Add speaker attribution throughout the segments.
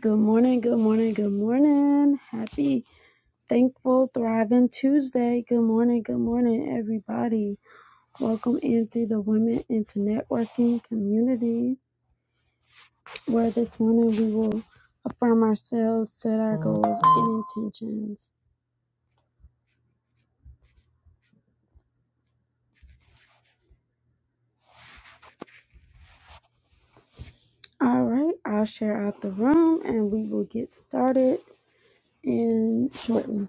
Speaker 1: Good morning, good morning, good morning. Happy, thankful, thriving Tuesday. Good morning, good morning, everybody. Welcome into the Women into Networking community, where this morning we will affirm ourselves, set our goals and intentions. All right, I'll share out the room and we will get started in shortly.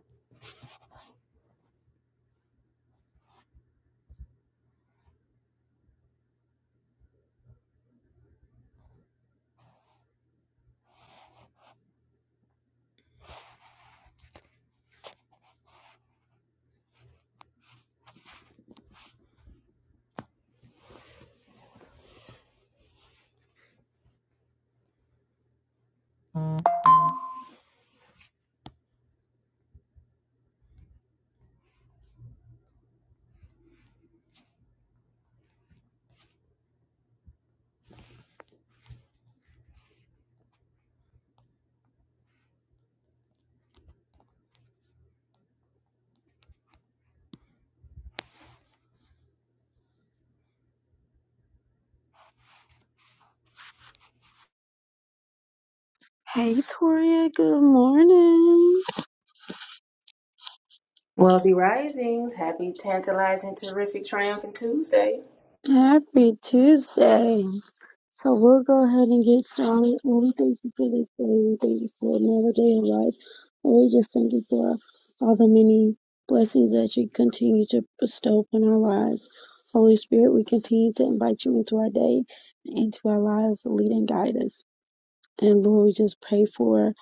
Speaker 1: Hey, Toria, good morning.
Speaker 2: Wealthy Risings, happy tantalizing, terrific, triumphant Tuesday.
Speaker 1: Happy Tuesday. So we'll go ahead and get started. And we thank you for this day. We thank you for another day of life. And we just thank you for all the many blessings that you continue to bestow upon our lives. Holy Spirit, we continue to invite you into our day and into our lives to lead and guide us. And Lord, we just pray for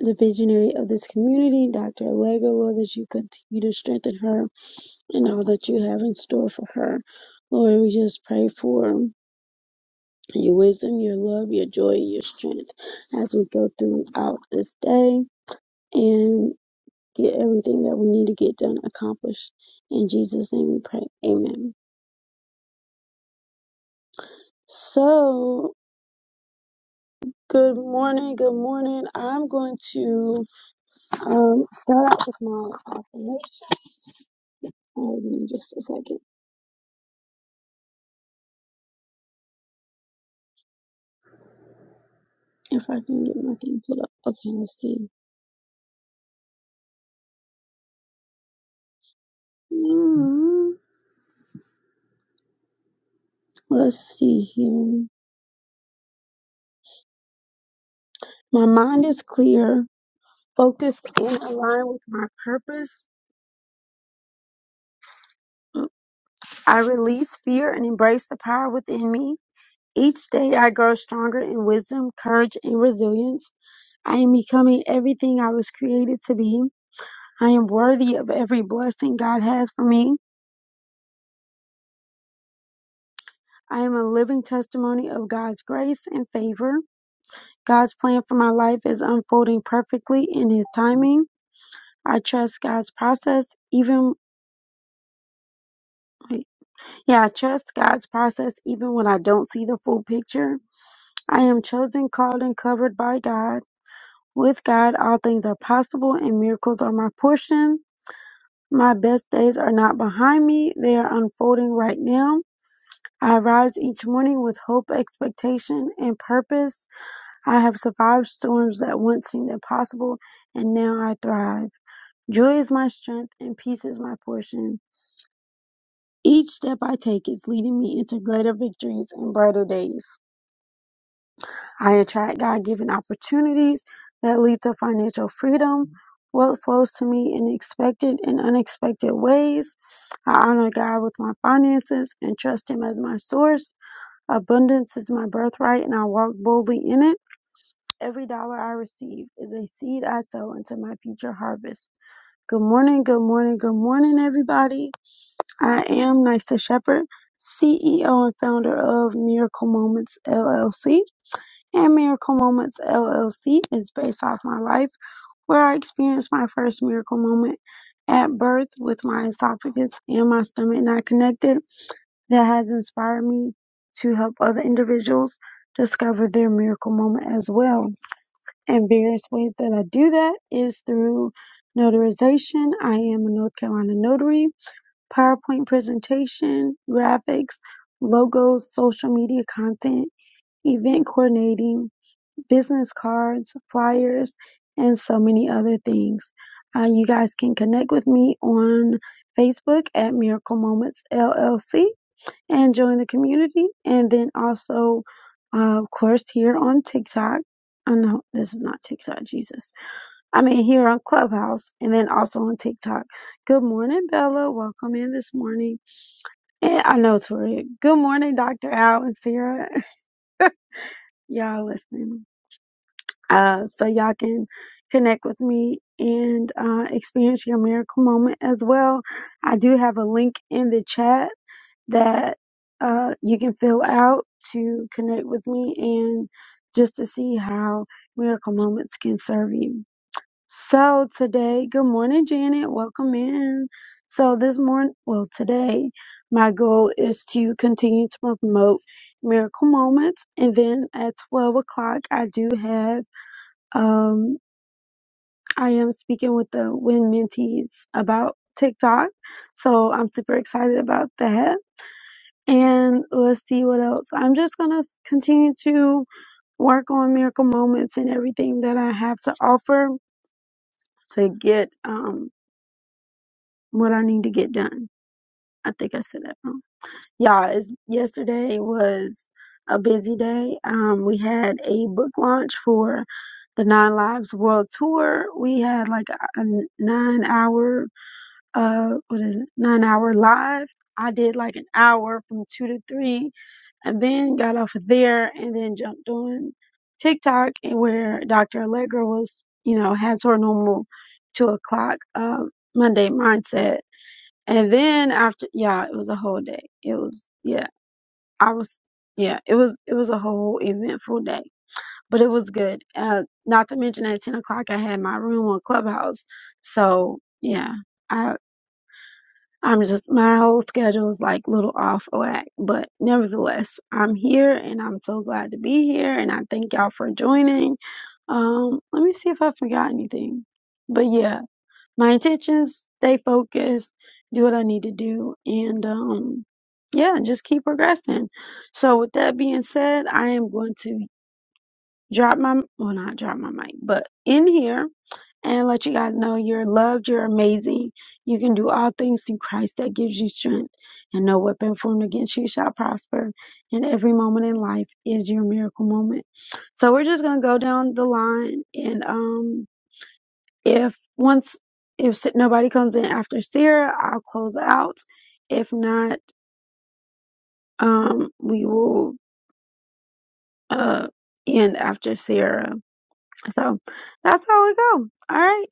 Speaker 1: the visionary of this community, Dr. Allegra, Lord, that you continue to strengthen her and all that you have in store for her. Lord, we just pray for your wisdom, your love, your joy, and your strength as we go throughout this day and get everything that we need to get done accomplished. In Jesus' name we pray. Amen. So, good morning. Good morning. I'm going to um, start out with my affirmation. Oh, give me just a second. If I can get my thing pulled up. Okay, let's see. Mm, Let's see here. My mind is clear, focused, and aligned with my purpose. I release fear and embrace the power within me. Each day I grow stronger in wisdom, courage, and resilience. I am becoming everything I was created to be. I am worthy of every blessing God has for me. I am a living testimony of God's grace and favor. God's plan for my life is unfolding perfectly in His timing. I trust God's process even wait. yeah, I trust God's process even when I don't see the full picture. I am chosen, called, and covered by God. With God all things are possible and miracles are my portion. My best days are not behind me, they are unfolding right now. I rise each morning with hope, expectation, and purpose. I have survived storms that once seemed impossible, and now I thrive. Joy is my strength, and peace is my portion. Each step I take is leading me into greater victories and brighter days. I attract God given opportunities that lead to financial freedom. Wealth flows to me in expected and unexpected ways. I honor God with my finances and trust Him as my source. Abundance is my birthright, and I walk boldly in it. Every dollar I receive is a seed I sow into my future harvest. Good morning, good morning, good morning, everybody. I am Nysa Shepherd, CEO and founder of Miracle Moments LLC and Miracle Moments LLC is based off my life, where I experienced my first miracle moment at birth with my esophagus and my stomach not connected. That has inspired me to help other individuals discover their miracle moment as well. And various ways that I do that is through notarization. I am a North Carolina notary, PowerPoint presentation, graphics, logos, social media content, event coordinating business cards, flyers, and so many other things. Uh, you guys can connect with me on Facebook at Miracle Moments LLC and join the community. And then also, uh, of course, here on TikTok. I know this is not TikTok, Jesus. I mean, here on Clubhouse and then also on TikTok. Good morning, Bella. Welcome in this morning. And I know, Tori. Good morning, Dr. Al and Sarah. Y'all listening. uh, so y'all can connect with me and uh, experience your miracle moment as well. I do have a link in the chat that uh, you can fill out to connect with me and just to see how miracle moments can serve you. So today, good morning, Janet. Welcome in. So this morning, well, today, my goal is to continue to promote miracle moments. And then at 12 o'clock, I do have um, I am speaking with the Win Mentees about TikTok, so I'm super excited about that. And let's see what else. I'm just gonna continue to work on miracle moments and everything that I have to offer to get um what I need to get done. I think I said that wrong. Yeah, it's, yesterday was a busy day. Um, we had a book launch for the Nine Lives World Tour. We had like a a nine hour uh what is it nine hour live i did like an hour from two to three and then got off of there and then jumped on tiktok and where dr allegra was you know has her normal two o'clock um monday mindset and then after yeah it was a whole day it was yeah i was yeah it was it was a whole eventful day but it was good uh not to mention at 10 o'clock i had my room on clubhouse so yeah I. I'm just my whole schedule is like little off whack, but nevertheless, I'm here and I'm so glad to be here and I thank y'all for joining. Um, let me see if I forgot anything. But yeah, my intentions, stay focused, do what I need to do, and um yeah, just keep progressing. So with that being said, I am going to drop my well not drop my mic, but in here and let you guys know you're loved, you're amazing. You can do all things through Christ that gives you strength, and no weapon formed against you shall prosper. And every moment in life is your miracle moment. So we're just gonna go down the line, and um, if once if s- nobody comes in after Sarah, I'll close out. If not, um, we will uh end after Sarah. So that's how we go. All right.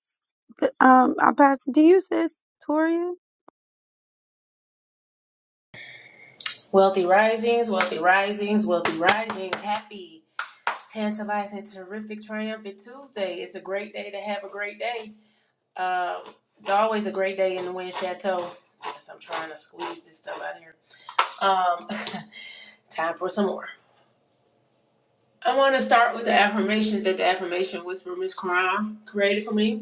Speaker 1: Um, I'll pass it to you, sis, Toria.
Speaker 2: Wealthy Risings, Wealthy Risings, Wealthy Risings, happy tantalizing, terrific, triumphant Tuesday. It's a great day to have a great day. Um, it's always a great day in the Wind Chateau. Yes, I'm trying to squeeze this stuff out of here. Um, time for some more. I want to start with the affirmations that the affirmation whisperer Miss Quran created for me.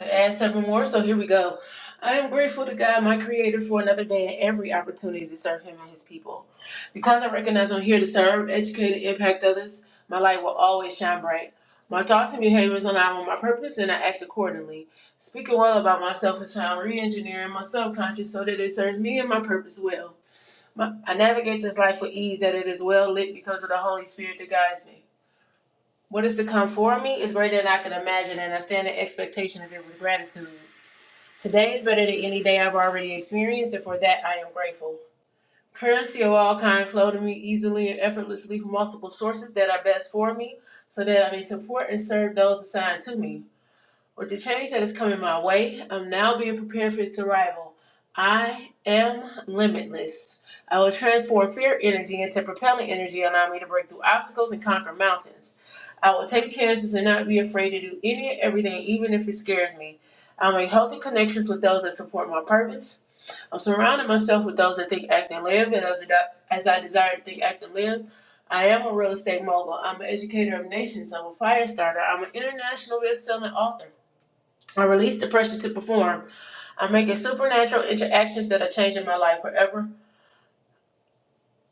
Speaker 2: Add several more, so here we go. I am grateful to God, my Creator, for another day and every opportunity to serve Him and His people. Because I recognize I'm here to serve, educate, and impact others, my light will always shine bright. My thoughts and behaviors align with my purpose, and I act accordingly. Speaking well about myself is how I'm re-engineering my subconscious so that it serves me and my purpose well. My, I navigate this life with ease, that it is well lit because of the Holy Spirit that guides me. What is to come for me is greater than I can imagine, and I stand in expectation of it with gratitude. Today is better than any day I've already experienced, and for that I am grateful. Currency of all kind flow to me easily and effortlessly from multiple sources that are best for me, so that I may support and serve those assigned to me. With the change that is coming my way, I'm now being prepared for its arrival. I am limitless. I will transform fear energy into propelling energy, allowing me to break through obstacles and conquer mountains. I will take chances and not be afraid to do any and everything, even if it scares me. I'll make healthy connections with those that support my purpose. I'm surrounding myself with those that think, act, and live, and as, as I desire to think, act, and live. I am a real estate mogul. I'm an educator of nations. I'm a fire starter. I'm an international best-selling author. I release the pressure to perform. I'm making supernatural interactions that are changing my life forever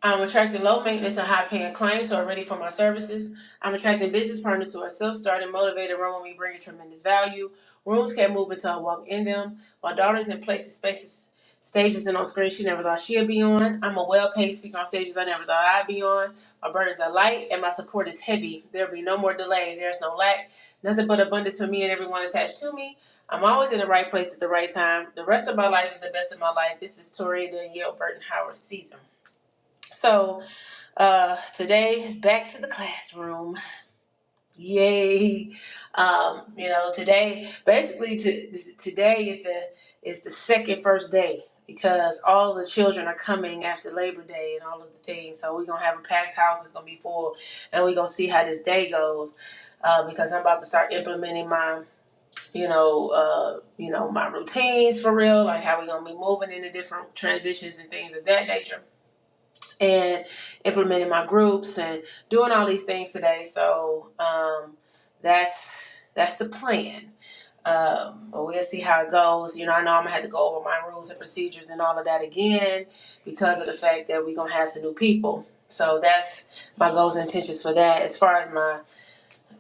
Speaker 2: I'm attracting low maintenance and high paying clients who are ready for my services. I'm attracting business partners who are self starting, motivated, run with me, bringing tremendous value. Rooms can't move until I walk in them. My daughter's in places, spaces, stages, and on screens she never thought she'd be on. I'm a well paid speaker on stages I never thought I'd be on. My burdens are light and my support is heavy. There'll be no more delays. There's no lack. Nothing but abundance for me and everyone attached to me. I'm always in the right place at the right time. The rest of my life is the best of my life. This is Tori Danielle Burton Howard season. So, uh, today is back to the classroom. Yay! Um, you know, today basically to, today is the is the second first day because all the children are coming after Labor Day and all of the things. So we're gonna have a packed house. It's gonna be full, and we're gonna see how this day goes. Uh, because I'm about to start implementing my, you know, uh, you know, my routines for real, like how we gonna be moving into different transitions and things of that nature and implementing my groups and doing all these things today. So um, that's that's the plan. Um, but we'll see how it goes. You know, I know I'm gonna have to go over my rules and procedures and all of that again because of the fact that we're gonna have some new people. So that's my goals and intentions for that. As far as my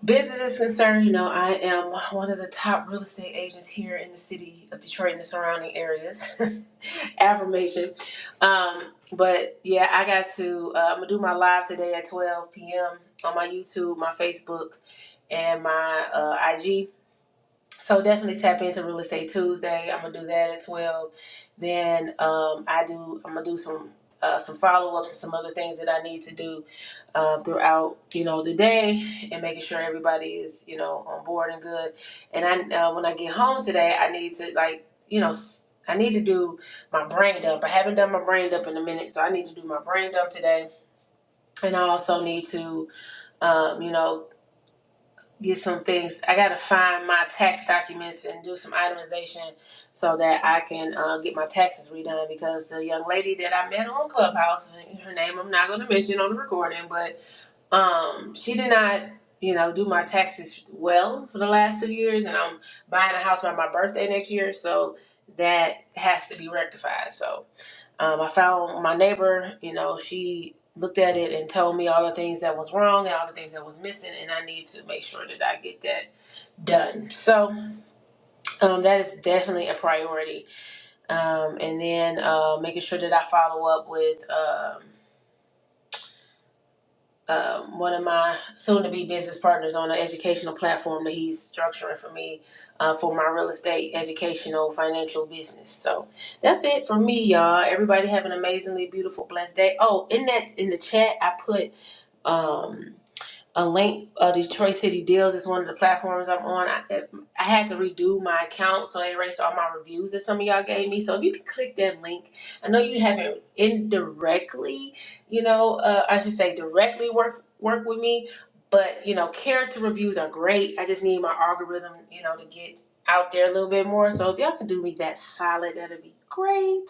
Speaker 2: business is concerned, you know, I am one of the top real estate agents here in the city of Detroit and the surrounding areas. Affirmation. Um, but yeah, I got to, uh, I'm going to do my live today at 12 p.m. on my YouTube, my Facebook, and my uh, IG. So definitely tap into Real Estate Tuesday. I'm going to do that at 12. Then um, I do, I'm going to do some. Uh, some follow-ups and some other things that I need to do um, throughout you know the day and making sure everybody is you know on board and good. And I uh, when I get home today, I need to like you know s- I need to do my brain dump. I haven't done my brain dump in a minute, so I need to do my brain dump today. And I also need to um, you know get some things. I got to find my tax documents and do some itemization so that I can uh, get my taxes redone because the young lady that I met on Clubhouse, her name I'm not going to mention on the recording, but um she did not you know do my taxes well for the last two years and i'm buying a house by my birthday next year so that has to be rectified so um, i found my neighbor you know she looked at it and told me all the things that was wrong and all the things that was missing and i need to make sure that i get that done so um, that is definitely a priority um, and then uh, making sure that i follow up with um, um, one of my soon-to-be business partners on an educational platform that he's structuring for me uh, for my real estate, educational, financial business. So that's it for me, y'all. Everybody have an amazingly beautiful, blessed day. Oh, in that in the chat, I put. Um, a link uh, detroit city deals is one of the platforms i'm on I, I had to redo my account so I erased all my reviews that some of y'all gave me so if you could click that link i know you haven't indirectly you know uh, i should say directly work work with me but you know character reviews are great i just need my algorithm you know to get out there a little bit more so if y'all can do me that solid that'd be great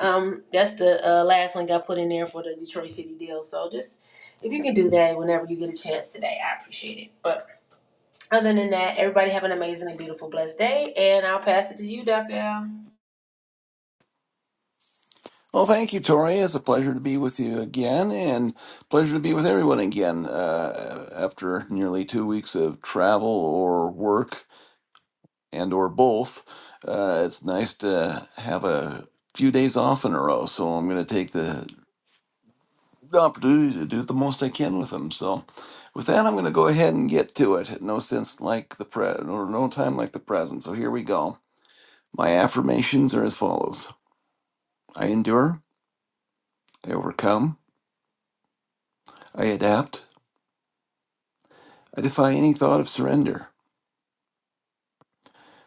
Speaker 2: um, that's the uh, last link I put in there for the Detroit City deal. So just if you can do that whenever you get a chance today, I appreciate it. But other than that, everybody have an amazing and beautiful, blessed day. And I'll pass it to you, Dr. Al.
Speaker 3: Well, thank you, Tori. It's a pleasure to be with you again, and pleasure to be with everyone again uh, after nearly two weeks of travel or work and or both. Uh, it's nice to have a few days off in a row, so I'm going to take the opportunity to do the most I can with them. So, with that, I'm going to go ahead and get to it. No sense like the pre, or no time like the present. So here we go. My affirmations are as follows: I endure, I overcome, I adapt. I defy any thought of surrender.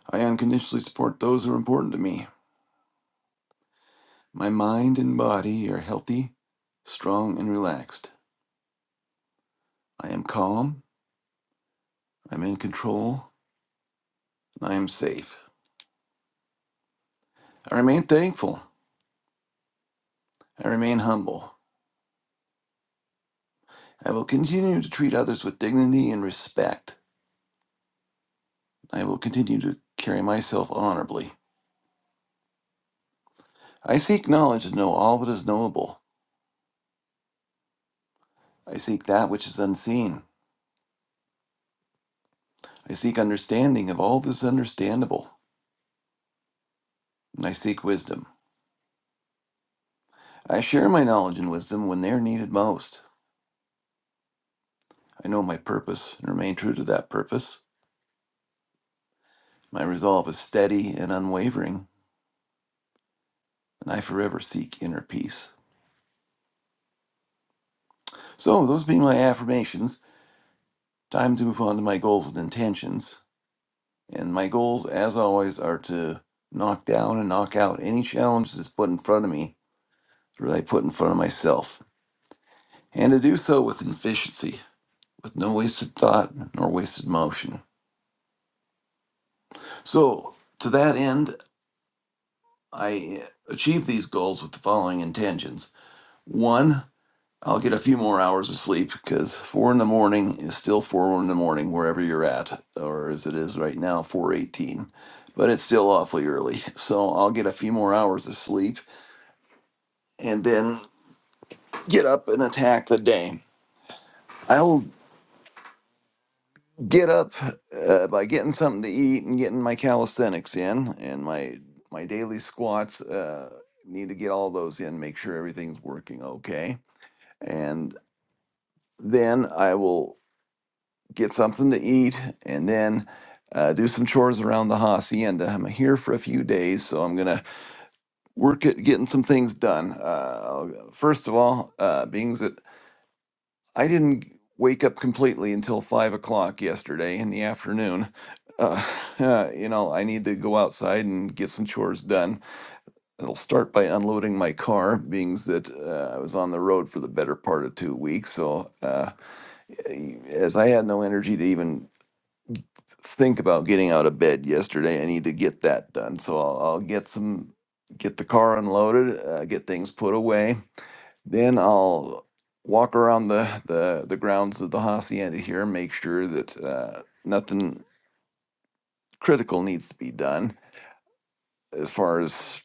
Speaker 3: I unconditionally support those who are important to me. My mind and body are healthy, strong, and relaxed. I am calm, I'm in control, and I am safe. I remain thankful. I remain humble. I will continue to treat others with dignity and respect. I will continue to carry myself honorably. I seek knowledge to know all that is knowable. I seek that which is unseen. I seek understanding of all that is understandable. And I seek wisdom. I share my knowledge and wisdom when they are needed most. I know my purpose and remain true to that purpose. My resolve is steady and unwavering, and I forever seek inner peace. So, those being my affirmations, time to move on to my goals and intentions. And my goals, as always, are to knock down and knock out any challenge that's put in front of me that I put in front of myself, and to do so with efficiency, with no wasted thought nor wasted motion. So, to that end, I uh, achieve these goals with the following intentions. One, I'll get a few more hours of sleep because four in the morning is still four in the morning wherever you're at, or as it is right now, four eighteen. But it's still awfully early. So I'll get a few more hours of sleep and then get up and attack the day. I'll get up uh, by getting something to eat and getting my calisthenics in and my my daily squats. Uh, need to get all those in, make sure everything's working okay and then I will get something to eat and then uh, do some chores around the hacienda. I'm here for a few days, so I'm gonna work at getting some things done. Uh, first of all, uh, being that I didn't wake up completely until five o'clock yesterday in the afternoon. Uh, uh, you know, I need to go outside and get some chores done. It'll start by unloading my car, being that uh, I was on the road for the better part of two weeks, so. Uh, as I had no energy to even think about getting out of bed yesterday, I need to get that done. So I'll, I'll get some, get the car unloaded, uh, get things put away. Then I'll walk around the, the, the grounds of the hacienda here, make sure that uh, nothing critical needs to be done as far as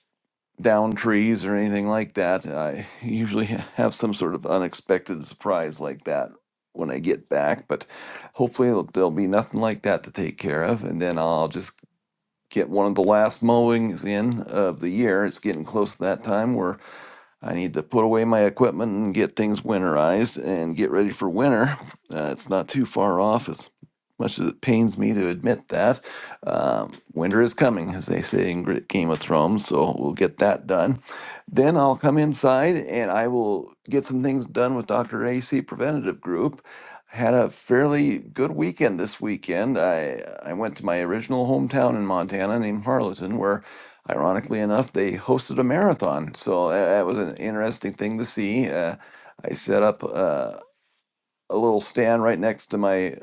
Speaker 3: down trees or anything like that. I usually have some sort of unexpected surprise like that when I get back, but hopefully it'll, there'll be nothing like that to take care of. And then I'll just get one of the last mowings in of the year. It's getting close to that time where I need to put away my equipment and get things winterized and get ready for winter. Uh, it's not too far off, as much as it pains me to admit that. Um, winter is coming, as they say in Gr- Game of Thrones, so we'll get that done. Then I'll come inside and I will get some things done with Dr. AC Preventative Group. I Had a fairly good weekend this weekend. I I went to my original hometown in Montana named Harleton, where ironically enough, they hosted a marathon. So tha- that was an interesting thing to see. Uh, I set up uh, a little stand right next to my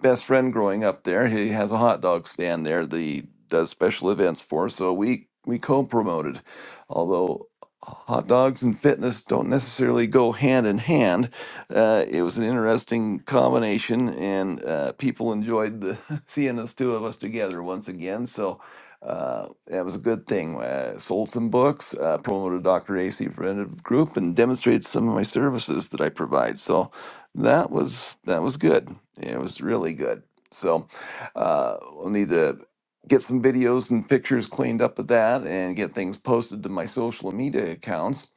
Speaker 3: best friend growing up there. He has a hot dog stand there that he does special events for. So we we co-promoted, although hot dogs and fitness don't necessarily go hand in hand. Uh, it was an interesting combination, and uh, people enjoyed the seeing us two of us together once again. So. Uh, that was a good thing. Uh, sold some books, uh, promoted Dr. AC Preventive Group, and demonstrated some of my services that I provide. So that was that was good. It was really good. So uh, we'll need to get some videos and pictures cleaned up of that and get things posted to my social media accounts.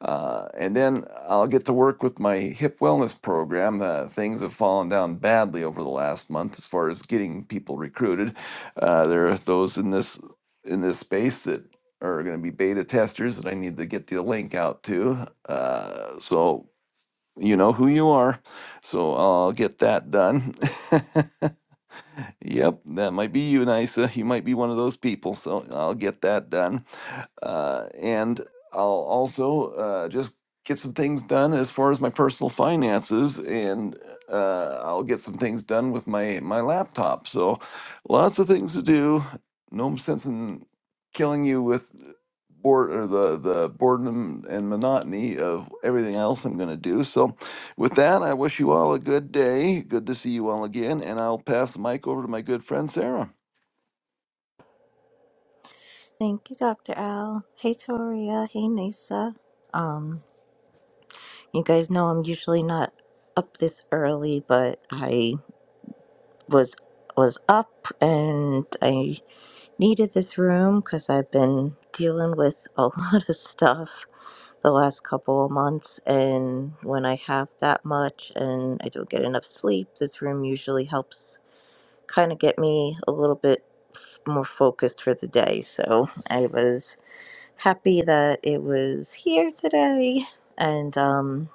Speaker 3: Uh, and then I'll get to work with my hip wellness program. Uh, things have fallen down badly over the last month as far as getting people recruited. Uh, there are those in this in this space that are going to be beta testers that I need to get the link out to. Uh, so you know who you are. So I'll get that done. yep, that might be you, Nisa. You might be one of those people. So I'll get that done uh, and I'll also uh, just get some things done as far as my personal finances, and uh, I'll get some things done with my my laptop. So, lots of things to do. No sense in killing you with bored or the the boredom and monotony of everything else I'm going to do. So, with that, I wish you all a good day. Good to see you all again, and I'll pass the mic over to my good friend Sarah.
Speaker 4: Thank you, Dr. Al. Hey, Toria. Hey, Nisa. Um, you guys know I'm usually not up this early, but I was was up and I needed this room because I've been dealing with a lot of stuff the last couple of months, and when I have that much and I don't get enough sleep, this room usually helps kind of get me a little bit f- more focused for the day. So I was happy that it was here today. And um,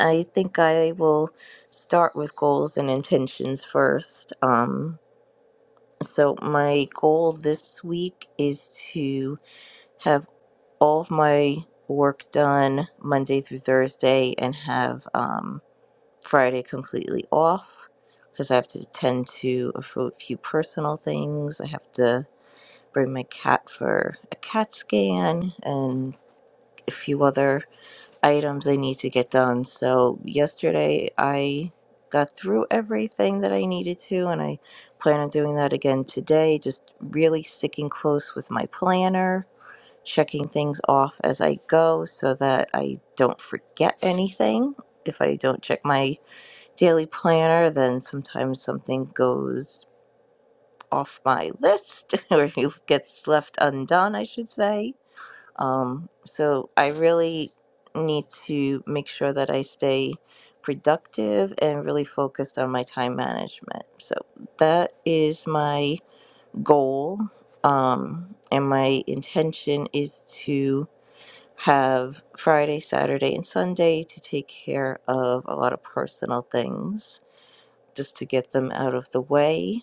Speaker 4: I think I will start with goals and intentions first. Um, so, my goal this week is to have all of my work done Monday through Thursday and have um, Friday completely off because I have to tend to a fo- few personal things. I have to bring my cat for a cat scan and a few other items I need to get done. So yesterday I got through everything that I needed to, and I plan on doing that again today. Just really sticking close with my planner, checking things off as I go so that I don't forget anything. If I don't check my daily planner, then sometimes something goes off my list or gets left undone, I should say um, so I really need to make sure that I stay productive and really focused on my time management. So that is my goal. Um, and my intention is to have Friday, Saturday, and Sunday to take care of a lot of personal things just to get them out of the way.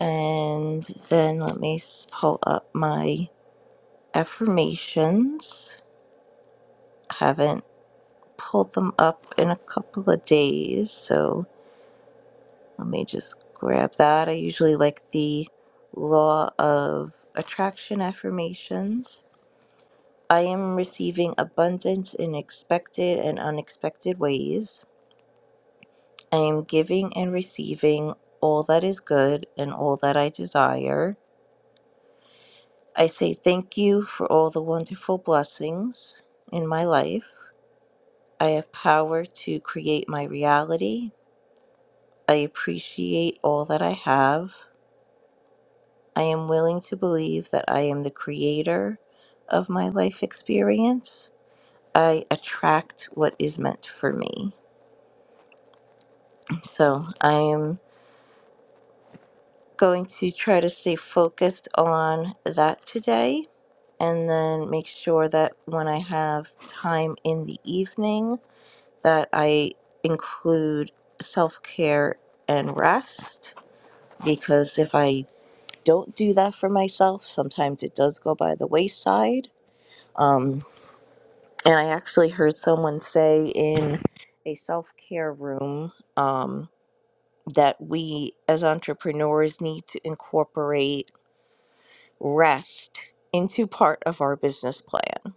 Speaker 4: And then let me s- pull up my affirmations. Haven't pull them up in a couple of days. So let me just grab that. I usually like the law of attraction affirmations. I am receiving abundance in expected and unexpected ways. I am giving and receiving all that is good and all that I desire. I say thank you for all the wonderful blessings in my life. I have power to create my reality. I appreciate all that I have. I am willing to believe that I am the creator of my life experience. I attract what is meant for me. So I am going to try to stay focused on that today and then make sure that when I have time in the evening that I include self-care and rest because if I don't do that for myself. Sometimes it does go by the wayside. Um, and I actually heard someone say in a self care room um, that we as entrepreneurs need to incorporate rest into part of our business plan.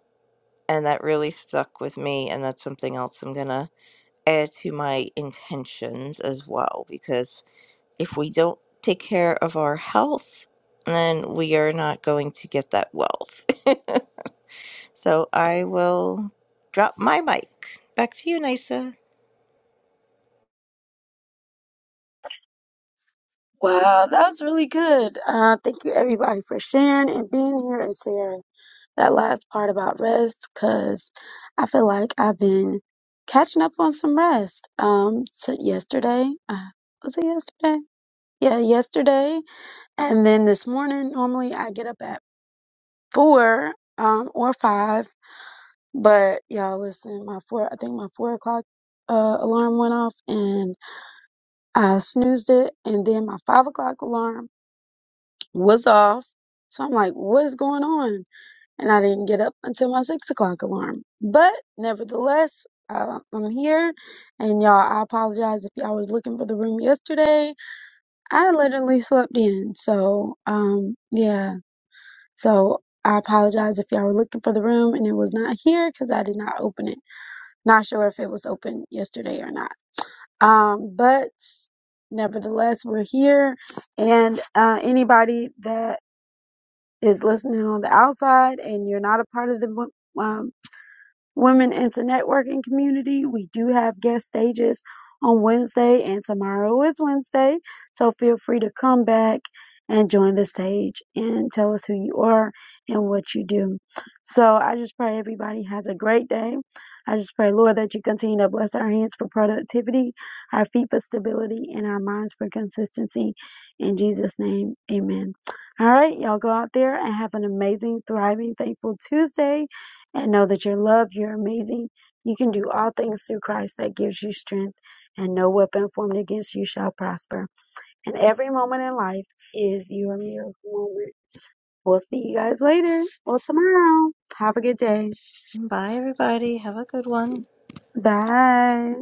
Speaker 4: And that really stuck with me. And that's something else I'm going to add to my intentions as well. Because if we don't take care of our health, then we are not going to get that wealth. So I will drop my mic. Back to you, Nisa.
Speaker 1: Wow, that was really good. Uh, thank you everybody for sharing and being here and sharing that last part about rest because I feel like I've been catching up on some rest. Um, so yesterday, uh, was it yesterday? Yeah, yesterday. And then this morning, normally I get up at four, um, or five, but y'all listen, my four, I think my four o'clock, uh, alarm went off and I snoozed it and then my five o'clock alarm was off. So I'm like, what is going on? And I didn't get up until my six o'clock alarm. But nevertheless, I, I'm here. And y'all, I apologize if y'all was looking for the room yesterday. I literally slept in. So, um, yeah. So I apologize if y'all were looking for the room and it was not here because I did not open it. Not sure if it was open yesterday or not. Um, but nevertheless, we're here. And uh, anybody that is listening on the outside and you're not a part of the um, Women into Networking Community. We do have guest stages on Wednesday, and tomorrow is Wednesday. So feel free to come back and join the stage and tell us who you are and what you do. So I just pray everybody has a great day. I just pray, Lord, that you continue to bless our hands for productivity, our feet for stability, and our minds for consistency. In Jesus' name, amen. All right, y'all go out there and have an amazing, thriving, thankful Tuesday and know that you're loved, you're amazing. You can do all things through Christ that gives you strength, and no weapon formed against you shall prosper. And every moment in life is your miracle moment. We'll see you guys later or tomorrow. Have a good day.
Speaker 4: Bye, everybody. Have a good one.
Speaker 1: Bye.